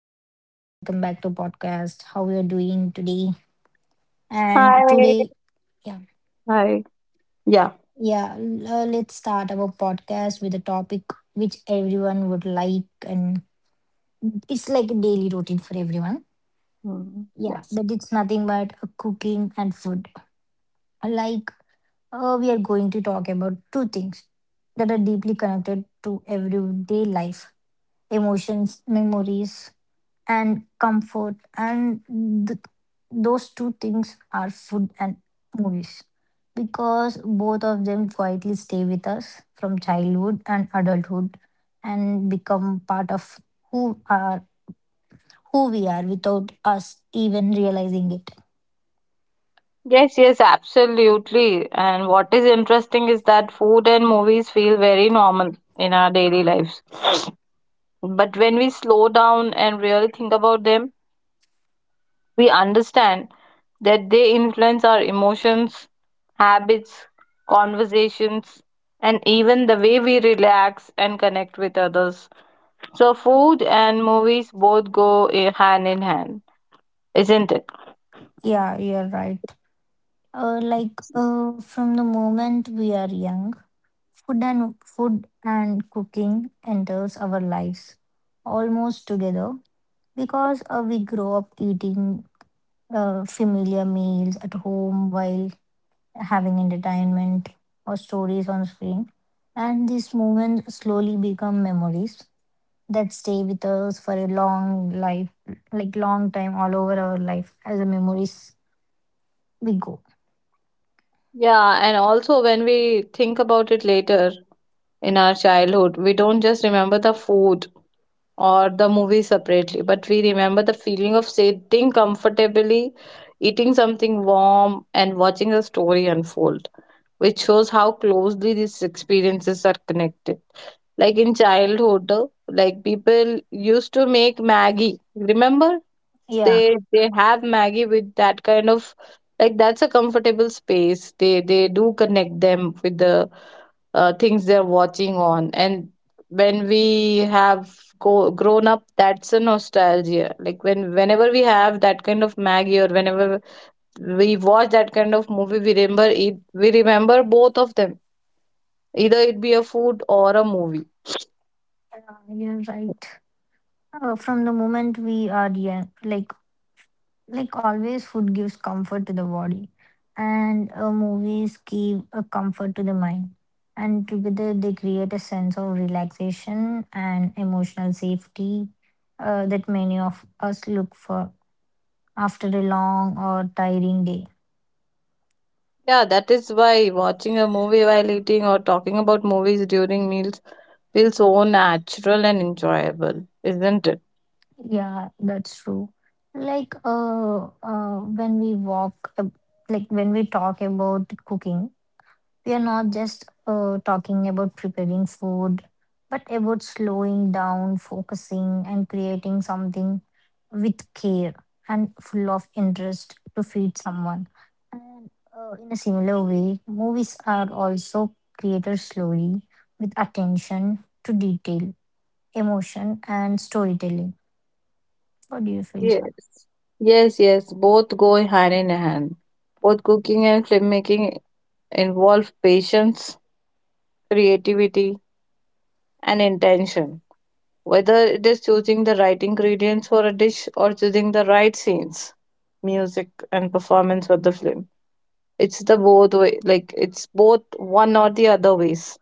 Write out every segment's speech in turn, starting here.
Hello, Sarah. Welcome back to podcast. How you are doing today? And today, Hi. yeah, Hi. Yeah. yeah. Let's start our podcast with a topic which everyone would like, and it's like a daily routine for everyone. Yeah, Yes. that it's nothing but cooking and food. Like, we are going to talk about two things that are deeply connected to everyday life, emotions, memories, and comfort. And th- those two things are food and movies because both of them quietly stay with us from childhood and adulthood and become part of who are who we are without us even realizing it. Yes, yes, absolutely. And what is interesting is that food and movies feel very normal in our daily lives. But when we slow down and really think about them, we understand that they influence our emotions, habits, conversations, and even the way we relax and connect with others. So, food and movies both go hand in hand, isn't it? Yeah, you're right. Like, from the moment we are young, food and cooking enters our lives almost together because we grow up eating familiar meals at home while having entertainment or stories on screen, and these moments slowly become memories that stay with us for a long life, like long time all over our life as the memories we go. Yeah, and also when we think about it later in our childhood, we don't just remember the food or the movie separately, but we remember the feeling of sitting comfortably, eating something warm, and watching the story unfold, which shows how closely these experiences are connected, like in childhood, like people used to make maggie, remember, Yeah. they have maggie with that kind of, like that's a comfortable space, they do connect them with the things they're watching on. And when we have go, grown up, that's a nostalgia, like when whenever we have that kind of maggie or whenever we watch that kind of movie, we remember it, we remember both of them, either it be a food or a movie. Yeah, you're right. From the moment we are young, like always, food gives comfort to the body, and movies give a comfort to the mind, and together they create a sense of relaxation and emotional safety that many of us look for after a long or tiring day. Yeah, that is why watching a movie while eating or talking about movies during meals feels so natural and enjoyable, isn't it? Yeah, that's true. Like, uh when we walk, uh, like when we talk about cooking, we are not just talking about preparing food, but about slowing down, focusing, and creating something with care and full of interest to feed someone. And in a similar way, movies are also created slowly with attention to detail, emotion, and storytelling. What do you feel, Sarah? Yes. Yes, yes, both go hand in hand. Both cooking and filmmaking involve patience, creativity, and intention. Whether it is choosing the right ingredients for a dish or choosing the right scenes, music, and performance for the film, it's the both way, like it's both one or the other ways.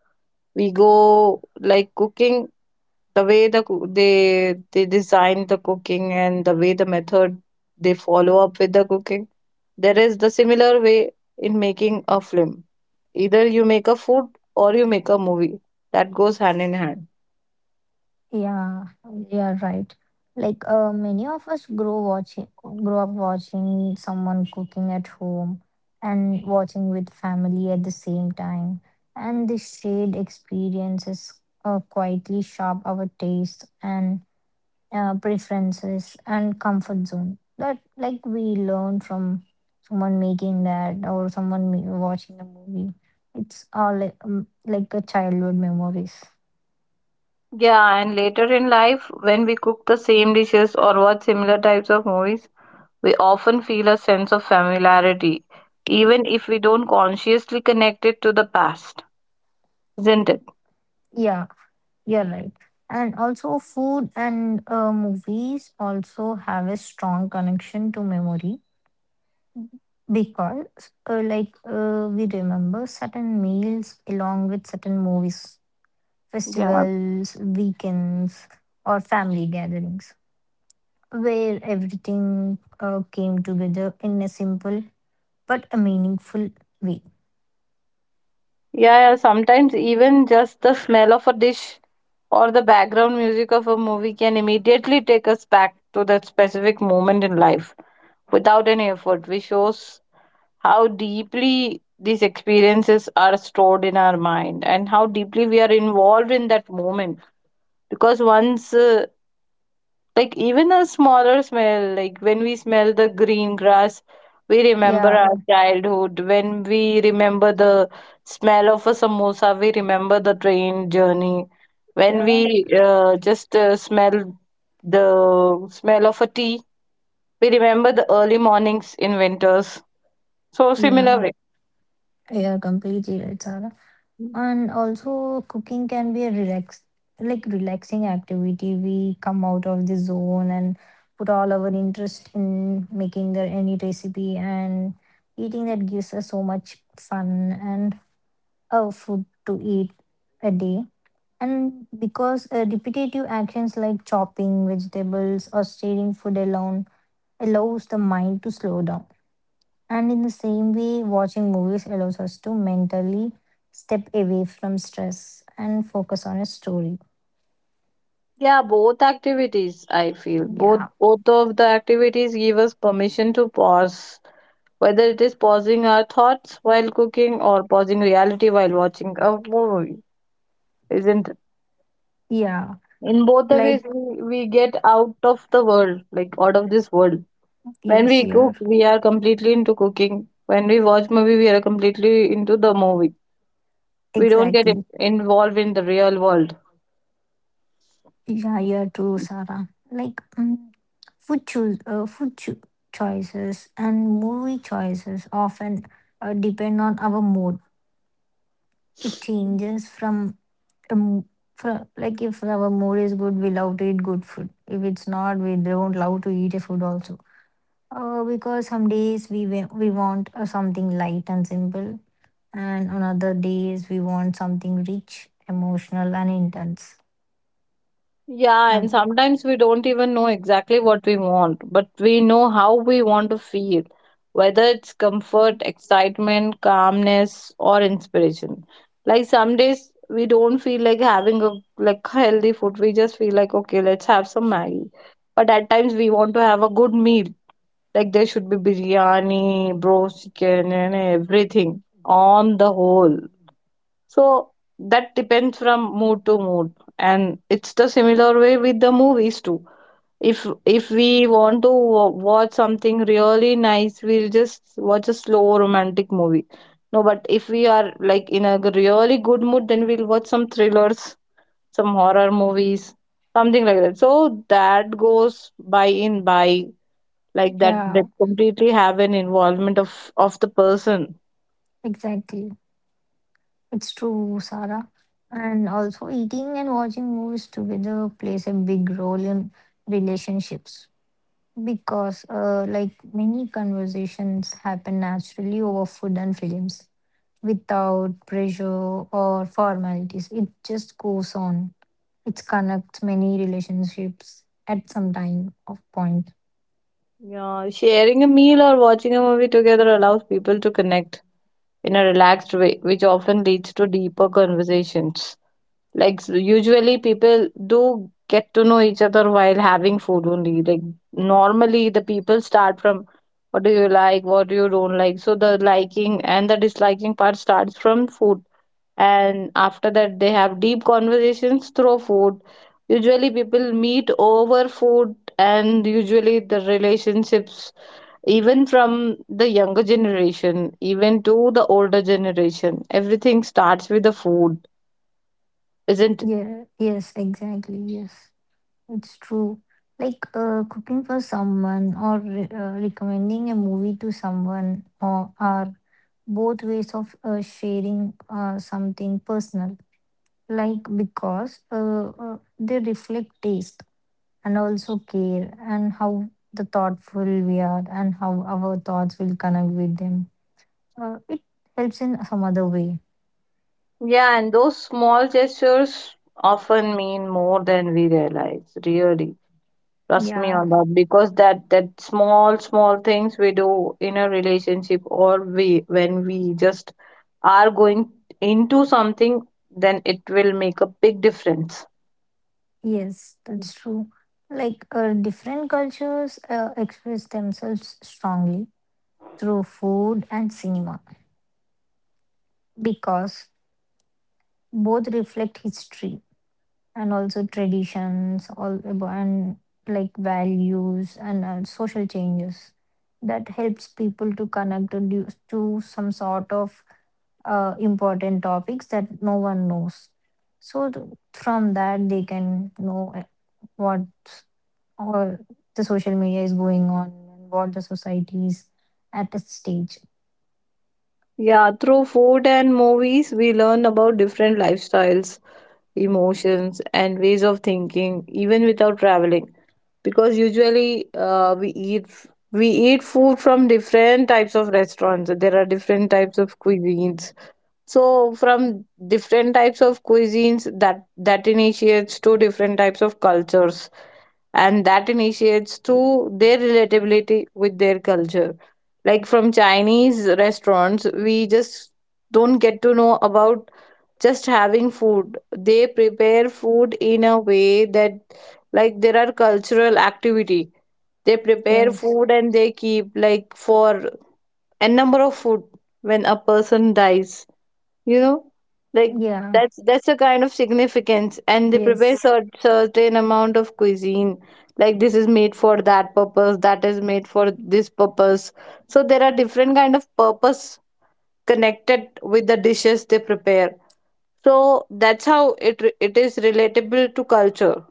We go like cooking, the way the they design the cooking and the way the method they follow up with the cooking, there is the similar way in making a film. Either you make a food or you make a movie, that goes hand in hand. Yeah, you're right. Like, many of us grow watching, grow up watching someone cooking at home and watching with family at the same time, and this shared experiences quietly shape our taste and preferences and comfort zone. That like we learn from someone making that or someone watching a movie. It's all like a childhood memories. Yeah, and later in life when we cook the same dishes or watch similar types of movies, we often feel a sense of familiarity, even if we don't consciously connect it to the past, isn't it? Yeah, you're right. And also, food and movies also have a strong connection to memory because, like, we remember certain meals along with certain movies, Yeah. festivals, weekends, or family gatherings, where everything came together in a simple but a meaningful way. Yeah, yeah, sometimes even just the smell of a dish or the background music of a movie can immediately take us back to that specific moment in life without any effort, which shows how deeply these experiences are stored in our mind and how deeply we are involved in that moment. Because once like even a smaller smell, like when we smell the green grass, we remember our Yeah, childhood. When we remember the smell of a samosa, we remember the train journey. When yeah, we just smell the smell of a tea, we remember the early mornings in winters. So similar yeah. way. You're completely right, Sara. And also, cooking can be a like relaxing activity. We come out of the zone and put all our interest in making the any recipe and eating that gives us so much fun and food to eat a day. And because repetitive actions like chopping vegetables or stirring food alone allows the mind to slow down, and in the same way, watching movies allows us to mentally step away from stress and focus on a story. Yeah, both activities, I feel. Both Yeah. both of the activities give us permission to pause, whether it is pausing our thoughts while cooking or pausing reality while watching a movie, isn't it? Yeah. In both the ways, Like, we get out of the world, like out of this world. When yes, we you're cook, we are completely into cooking. When we watch movie, we are completely into the movie. We don't exactly. involved in the real world. Yeah, you're true, Sarah. Like, food, choose, food cho- choices and movie choices often depend on our mood. It changes from, um, like, if our mood is good, we love to eat good food. If it's not, we don't love to eat a food also. Because some days we want something light and simple, and on other days we want something rich, emotional, and intense. Yeah, and And sometimes we don't even know exactly what we want, but we know how we want to feel, whether it's comfort, excitement, calmness, or inspiration. Like some days we don't feel like having a, like healthy food. We just feel like okay, let's have some Maggie. But at times we want to have a good meal. Like there should be biryani, roast chicken, and everything on the whole. So that depends from mood to mood, and it's the similar way with the movies too. If we want to watch something really nice, we'll just watch a slow romantic movie. No, but if we are like in a really good mood, then we'll watch some thrillers, some horror movies, something like that. So that goes by in by, like that yeah, that completely have an involvement of the person. exactly, it's true, Sarah. And also, eating and watching movies together plays a big role in relationships. Because, like many conversations happen naturally over food and films without pressure or formalities. It just goes on. It connects many relationships at some time of point. Yeah, sharing a meal or watching a movie together allows people to connect in a relaxed way, which often leads to deeper conversations. Like usually people do get to know each other while having food only. Like normally the people start from, what do you like, what you don't like. So the liking and the disliking part starts from food. And after that they have deep conversations through food. Usually people meet over food and usually the relationships, even from the younger generation even to the older generation, everything starts with the food, isn't it? Yeah, yes, exactly. Yes, it's true. Like, cooking for someone or recommending a movie to someone or are both ways of sharing something personal. Like because they reflect taste and also care and how the thoughtful we are and how our thoughts will connect with them. It helps in some other way. Yeah, and those small gestures often mean more than we realize, really, trust me Yeah, on that, because that that small small things we do in a relationship, or we when we just are going into something, then it will make a big difference. yes, that's true. Like, different cultures express themselves strongly through food and cinema because both reflect history and also traditions and like values and social changes, that helps people to connect to some sort of important topics that no one knows. So from that they can know what all the social media is going on and what the society is at its stage. Yeah, through food and movies, we learn about different lifestyles, emotions, and ways of thinking, even without traveling. Because usually we eat, we eat food from different types of restaurants. There are different types of cuisines. So from different types of cuisines, that that initiates to different types of cultures, and that initiates to their relatability with their culture. Like from Chinese restaurants, we just don't get to know about just having food. They prepare food in a way that, like there are cultural activity. They prepare Yes, food and they keep like for a number of food when a person dies, you know, like yeah, that's a kind of significance and they prepare yes, certain amount of cuisine, like this is made for that purpose, that is made for this purpose, so there are different kind of purpose connected with the dishes they prepare. So that's how it it is relatable to culture.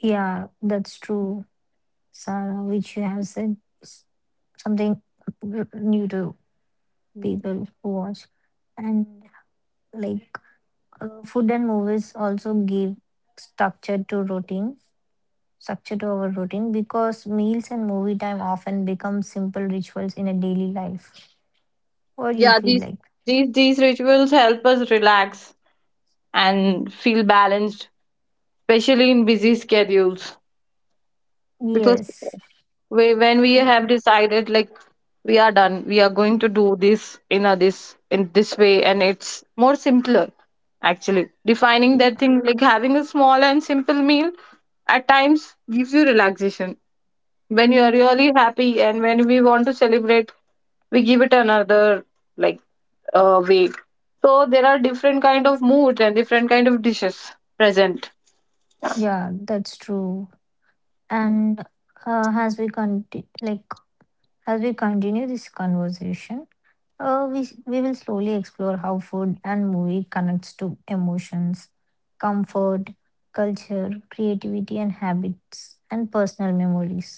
yeah, that's true, Sarah, which you have said something new to people who watch. And like, food and movies also give structure to routine structure to our routine because meals and movie time often become simple rituals in a daily life. What do you Yeah, feel these like? these these rituals help us relax and feel balanced, especially in busy schedules, because Yes, we, when we have decided like we are done, we are going to do this in a this, in this way, and it's more simpler. Actually defining yeah. that thing, like having a small and simple meal at times gives you relaxation. When you are really happy and when we want to celebrate, we give it another, like way. So there are different kind of moods and different kind of dishes present. Yeah, that's true. And uh, as we conti- like as we continue this conversation, we will slowly explore how food and movie connects to emotions, comfort, culture, creativity and habits and personal memories.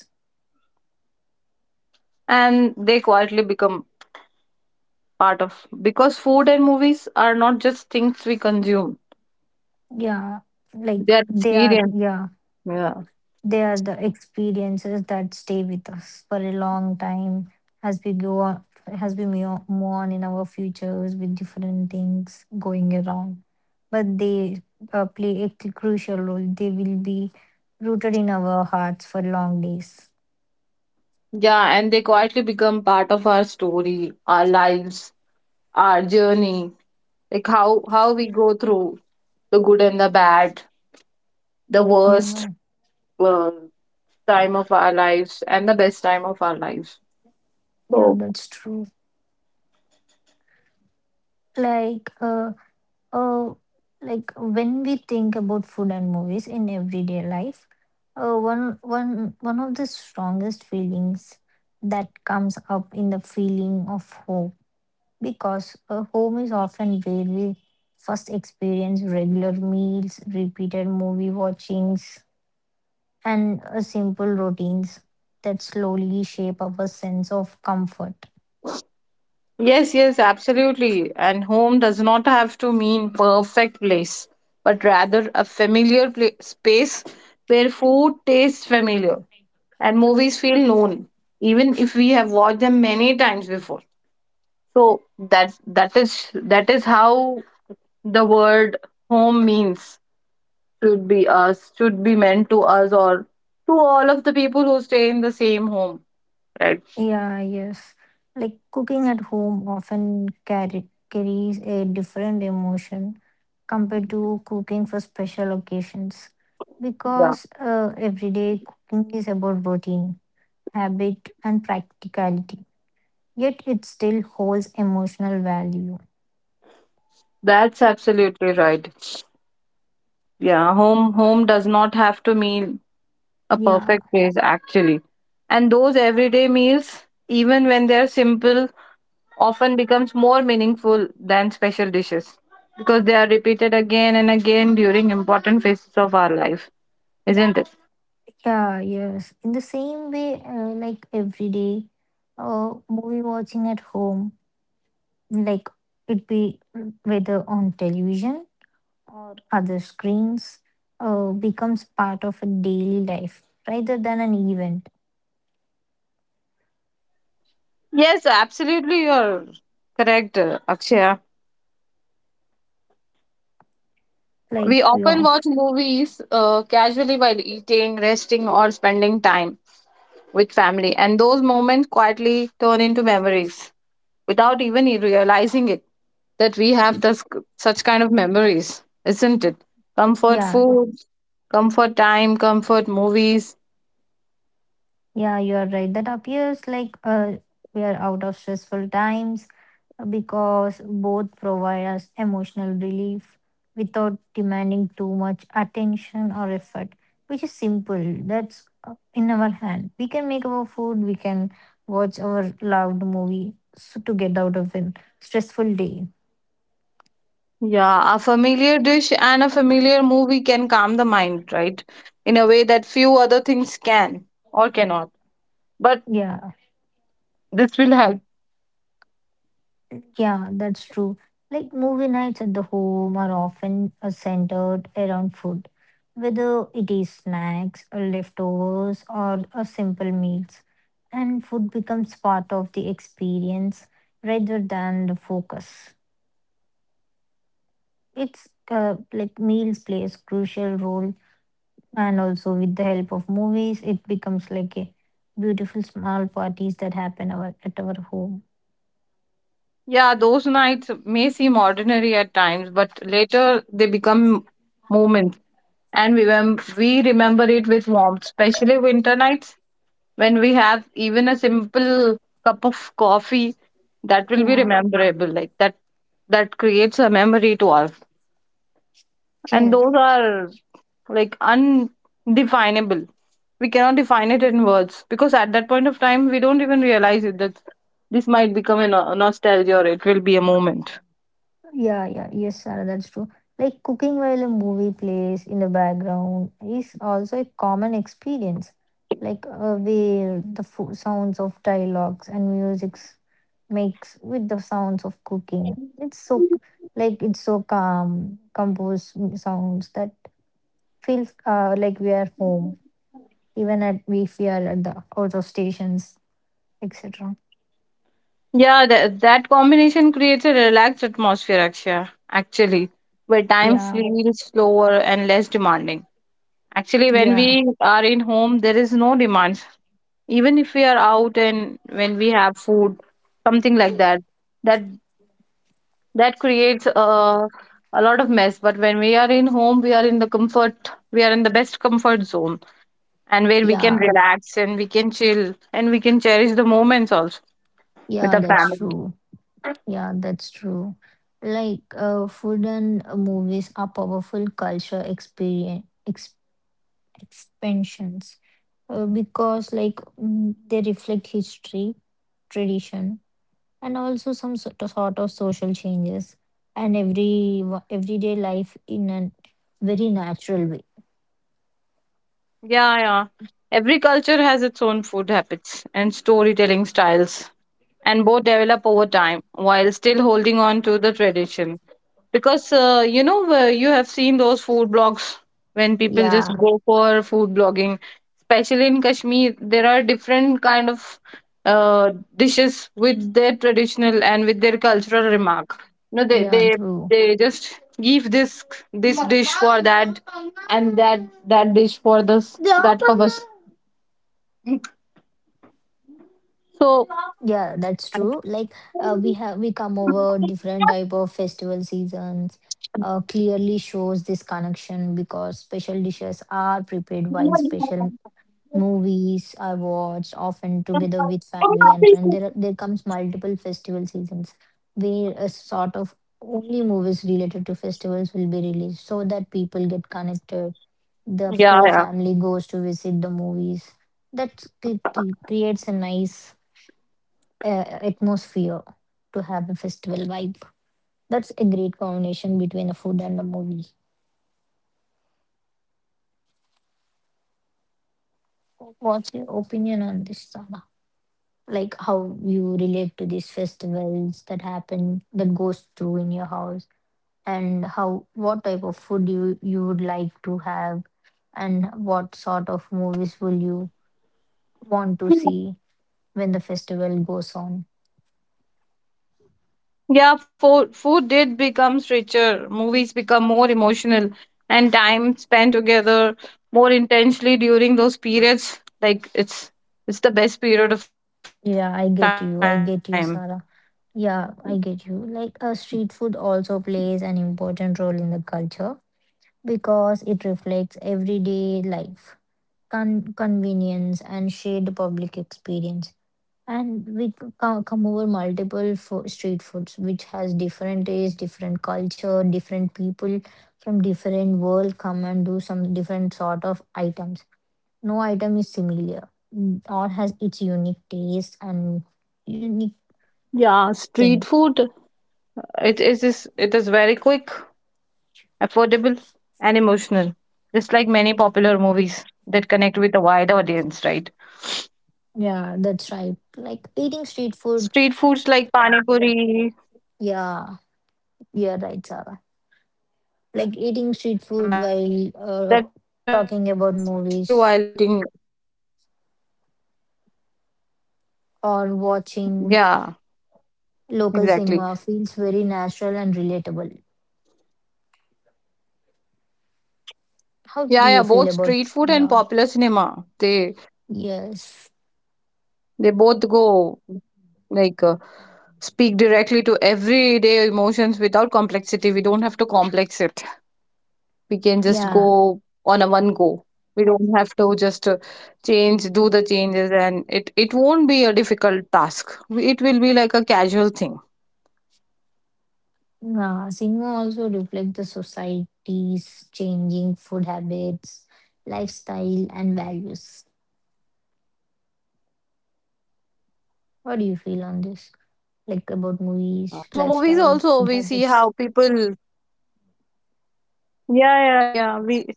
And they quietly become part of, because food and movies are not just things we consume, Yeah, like they are they are, experience. yeah, Yeah, they are the experiences that stay with us for a long time as we go on, as we move on in our futures with different things going around. But they play a crucial role. They will be rooted in our hearts for long days. yeah, and they quietly become part of our story, our lives, our journey, like how we go through the good and the bad, the worst, Yeah, uh, time of our lives and the best time of our lives, yeah, so. that's true. Like, uh, uh, like when we think about food and movies in everyday life, one of the strongest feelings that comes up in the feeling of home because home is often where we first experience regular meals, repeated movie watchings, and simple routines that slowly shape our sense of comfort. Yes, yes, absolutely. And home does not have to mean perfect place, but rather a familiar pla space where food tastes familiar and movies feel known, even if we have watched them many times before. So that is that is how the word home means, should be us, should be meant to us, or to all of the people who stay in the same home. Right. Yeah, yes. Like cooking at home often carries a different emotion compared to cooking for special occasions Yeah. because everyday cooking is about routine, habit, and practicality. Yet it still holds emotional value. That's absolutely right. Yeah, home does not have to mean a Yeah, perfect place actually. And those everyday meals, even when they're simple, often becomes more meaningful than special dishes because they are repeated again and again during important phases of our life, isn't it? yeah, yes. In the same way, like every day, movie watching at home, like it be, whether on television or other screens, becomes part of a daily life rather than an event. Yes, absolutely you're correct, Akshaya. Like We we often are, watch movies casually while eating, resting or spending time with family, and those moments quietly turn into memories without even realizing it, that we have this such kind of memories, isn't it? Comfort yeah, food, comfort time, comfort movies. yeah, you are right. That appears like we are out of stressful times because both provide us emotional relief without demanding too much attention or effort, which is simple. That's in our hand. We can make our food, we can watch our loved movie so to get out of a stressful day. Yeah, a familiar dish and a familiar movie can calm the mind, right? In a way that few other things can or cannot. But Yeah. this will help. Yeah, that's true. Like movie nights at the home are often centered around food, whether it is snacks, or leftovers, or a simple meals. And food becomes part of the experience rather than the focus. It's like meals plays crucial role, and also with the help of movies, it becomes like a beautiful small parties that happen our, at our home. Yeah, those nights may seem ordinary at times, but later they become moments and we, we remember it with warmth, especially winter nights. When we have even a simple cup of coffee, that will be Yeah. rememberable. Like that, that creates a memory to us. And those are like undefinable. We cannot define it in words because at that point of time, we don't even realize it that this might become a nostalgia or it will be a moment. Yeah, yeah, yes, Sarah, that's true. Like cooking while a movie plays in the background is also a common experience. Like, where the sounds of dialogues and musics makes with the sounds of cooking. It's so like it's so calm, composed sounds that feels like we are home, even at if we are at the out of stations, etc. Yeah, that, that combination creates a relaxed atmosphere, Akshay, actually, where time Yeah, feels slower and less demanding. Actually, when yeah, we are in home, there is no demand. Even if we are out and when we have food, something like that, that that creates a lot of mess. But when we are in home, we are in the comfort, we are in the best comfort zone, and where we can yeah, relax and we can chill and we can cherish the moments also with yeah. the That's family. true. Yeah, that's true. Like, food and movies are powerful culture experience ex expansions because, like, they reflect history, tradition, and also some sort of social changes and everyday life in a very natural way. Yeah, yeah. Every culture has its own food habits and storytelling styles, and both develop over time while still holding on to the tradition. Because you have seen those food blogs when people just Yeah, go for food blogging, especially in Kashmir, there are different kind of dishes with their traditional and with their cultural remark. No, they yeah, they true. they just give this dish for that and that dish for this that covers. So Yeah, that's true. Like, we come over different type of festival seasons. Clearly shows this connection because special dishes are prepared while special movies are watched often together with family and friends. There are, there comes multiple festival seasons where a sort of only movies related to festivals will be released so that people get connected. The yeah, whole yeah. family goes to visit the movies. That creates a nice atmosphere to have a festival Yeah, vibe. food becomes That's a richer, great movies combination become between more a food and a emotional movie. at festivities, festival times. What's your opinion on this, Sana? Like how you relate to these festivals that मतलब happen, that goes through in your house, जा- and how what type of food you you would like to have, and what sort of movies will you want to see when the festival goes on? Yeah, food food did becomes richer, movies become more emotional, and time spent together more intensely during those periods. Like it's the best period of time. Yeah, I get you. I get you, Sarah. Yeah, I get you. Like, street food also plays an important role in the culture because it reflects everyday life, convenience, and shared public experience. And we come over multiple street foods, which has different taste, different culture, different people from different world come and do some different sort of items. No item is similar, or has Yeah, its street unique food. taste and unique It is very quick, thing. affordable, and emotional. Just like many popular movies that connect with a wide audience, right? Yeah, that's Street right. foods like Like pani eating street food. puri and this, yeah, Yeah, chaat and all that. you're right, Sarah. That's very familiar, Like eating especially street while food eating. while talking about movies Yeah. or Exactly. watching local cinema feels very natural and relatable. Yeah, yeah. Both street How food do and you feel popular about? cinema. Yeah. They Yes. they both go, like uh, speak directly to everyday emotions without complexity. We don't have to complex it. We can just Yeah. go on a one go. We don't have to just change, do the changes, and it won't be a difficult task. We- It will be like a casual thing. Yeah. Cinema also reflects the society's changing food habits, lifestyle, and values. What do you feel on this? Like Yeah. about movies, Through movies lifestyle, also food we see habits. how people. Yeah, yeah, yeah.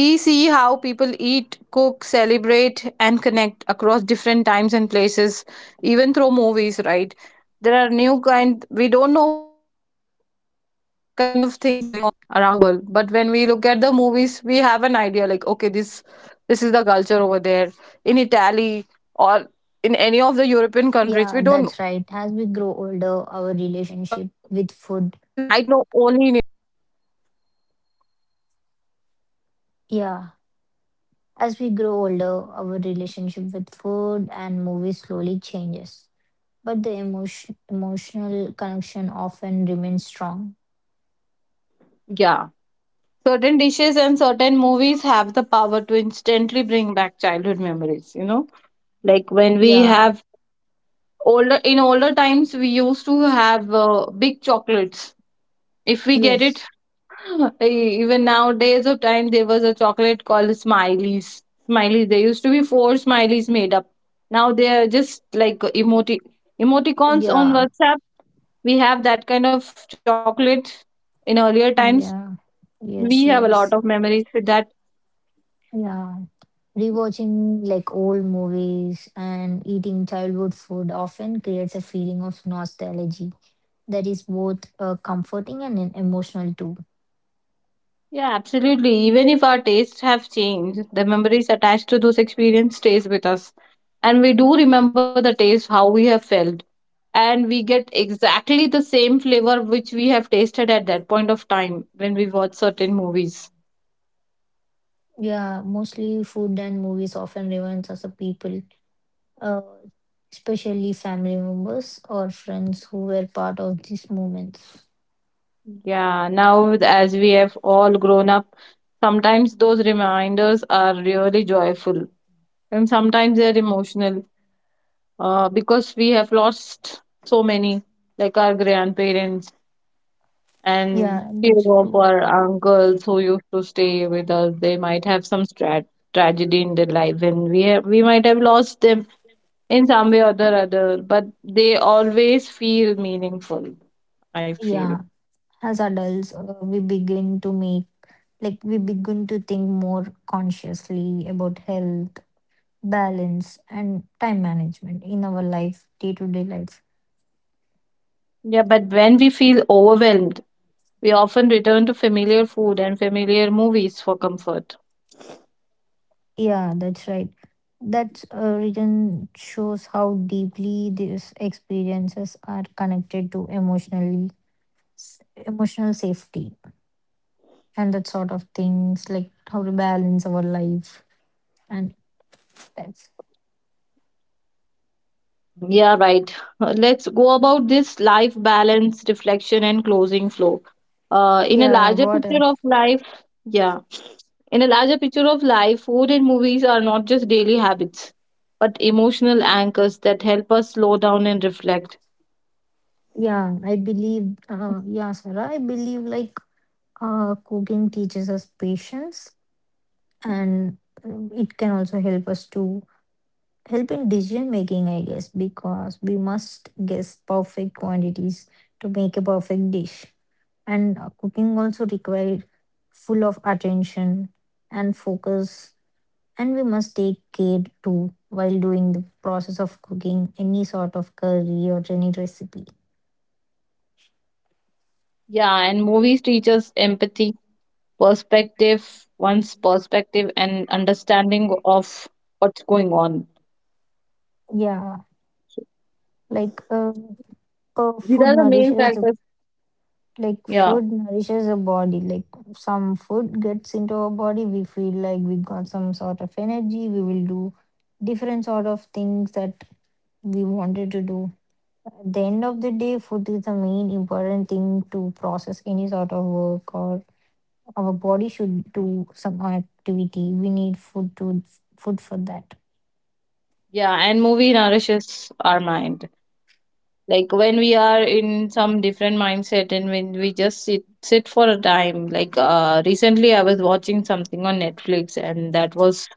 We see how people eat, cook, celebrate, and connect across different times and places, even through movies, right? There are new kind, we don't know what kind of things are going on around the world. But when we look at the movies, we have an idea like, okay, this is the culture over there. In Italy or in any of the European Yeah, countries, that's right. As we grow we older, don't know our what's the relationship culture. with food, We might know only in India. Yeah. yeah, as we grow older, our relationship with food and movies slowly changes. But the emotion, emotional connection often remains strong. Yeah. Certain dishes and certain movies have the power to instantly bring back childhood memories. Like when we Yeah, have older, in older times we used to have big chocolates if we get it. yes, Even nowadays of time, there was a chocolate called smileys. There used to be four smileys made up. Now they are just like emoticons on yeah, WhatsApp. We have that kind of chocolate in earlier times. yeah, We have yes, a lot of yes, memories with that. yeah. Rewatching like old movies and eating childhood food often creates a feeling of nostalgia that is both comforting and emotional too. Yeah, absolutely. Even if our tastes have changed, the memories attached to those experiences stays with us. And we do remember the taste, how we have felt. And we get exactly the same flavor which we have tasted at that point of time when we watch certain movies. Yeah, mostly food and movies often reminds us of people, uh, especially family members or friends who were part of these moments. Yeah, now as we have all grown up, sometimes those reminders are really joyful and sometimes they're emotional, because we have lost so many, like our grandparents. And Yeah, few that's of true. our uncles who used to stay with us, they might have some tragedy in their life, and we might have lost them in some way or the other. But they always feel meaningful. I feel. Yeah, as adults, we begin to think more consciously about health, balance, and time management in our life, day to day life. Yeah, but when we feel overwhelmed, we often return to familiar food and familiar movies for comfort. Yeah, that's right. That region shows how deeply these experiences are connected to emotionally s- emotional safety and that sort of things like how to balance our life. And that's, Yeah, right. Let's go about this life balance, reflection, and closing flow. Uh, in a yeah, larger what picture a, of life, yeah, In a larger picture of life, food and movies are not just daily habits, but emotional anchors that help us slow down and reflect. yeah, I believe. Yeah, Sarah, I believe like cooking teaches us patience and it can also help us to help in decision making, I guess, because we must guess perfect quantities to make a perfect dish. And cooking also required full of attention and focus, and we must take care too while doing the process of cooking any sort of curry or any recipe. Yeah, and movies teach us empathy, perspective, one's perspective, and understanding of what's going on. Yeah. So, Like, these food are the main nourishes the factors. like Yeah, food nourishes a body. Like some food gets into our body, we feel like we got some sort of energy, we will do different sort of things that we wanted to do. At the end of the day, food is the main important thing to process any sort of work, or our body should do some activity, we need food for that. yeah, and movie nourishes our mind. Like when we are in some different mindset and when we just sit for a time. Like recently I was watching something on Netflix, and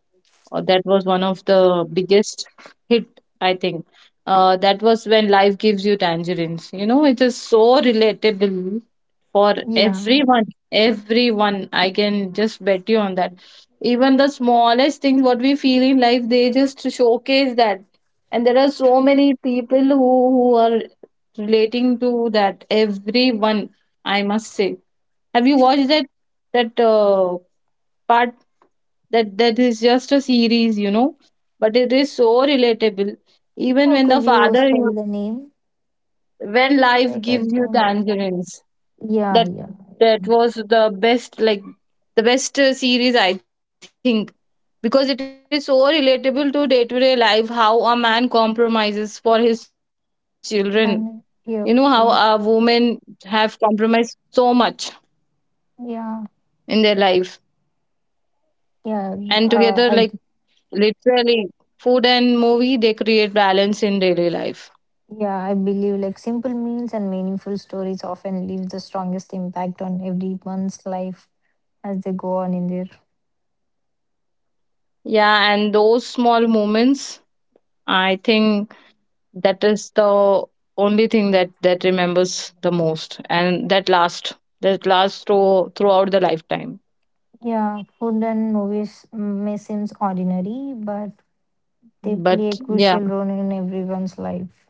that was one of the biggest hit, I think. That was When Life Gives You Tangerines, you know. It is so relatable for Yeah. everyone. Everyone, I can just bet you on that. Even the smallest things what we feel in life, they just showcase that. And there are so many people who are relating to that. Everyone, I must say. Have you watched that? that uh, part? That that is just a series, you know, but it is so relatable. Even How when the could you father, spell the name? When Life Like, I Gives You don't. Tangerines, Yeah, that yeah, I that remember. was the best. Like the best series, I think, because it is so relatable to day life. How a man compromises for his children, you know. And How yeah, a okay. woman have compromised so much Yeah. in their life. Yeah, And together, like I, literally, food and movie, they create balance in daily life. yeah, I believe like simple meals and meaningful stories often leave the strongest impact on everyone's life as they go on in their. Yeah, and those small moments, I think, that is the only thing that remembers the most, and that lasts throughout the lifetime. Yeah. Food and movies may seem ordinary, but they But play a crucial yeah, role in everyone's life.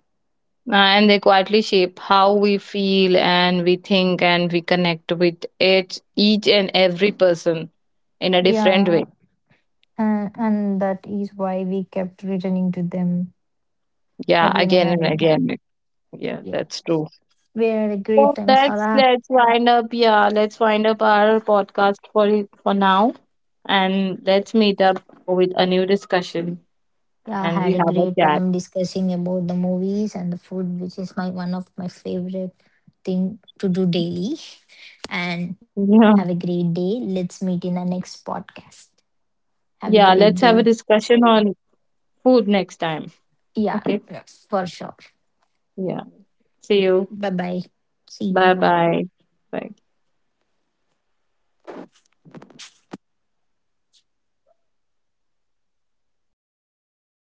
and they quietly shape how we feel and we think and we connect with each and every person in a different way. Yeah, and that is why we kept returning to them Yeah, again and again and again. again. Yeah, Yeah, that's true. we had a So great time, let's Farah. let's wind up. Yeah, let's wind up our podcast for now, and let's meet up with a new discussion Yeah, I and we had a have a great chat. time discussing about the movies and the food, which is my one of my favorite thing to do daily. And Yeah, have a great day. Let's meet in the next podcast. Have a yeah. great Let's have a day. discussion on food next time. Yeah, Okay. for sure. Yeah. Yeah. See Bye you. bye. See you. Bye bye. Bye.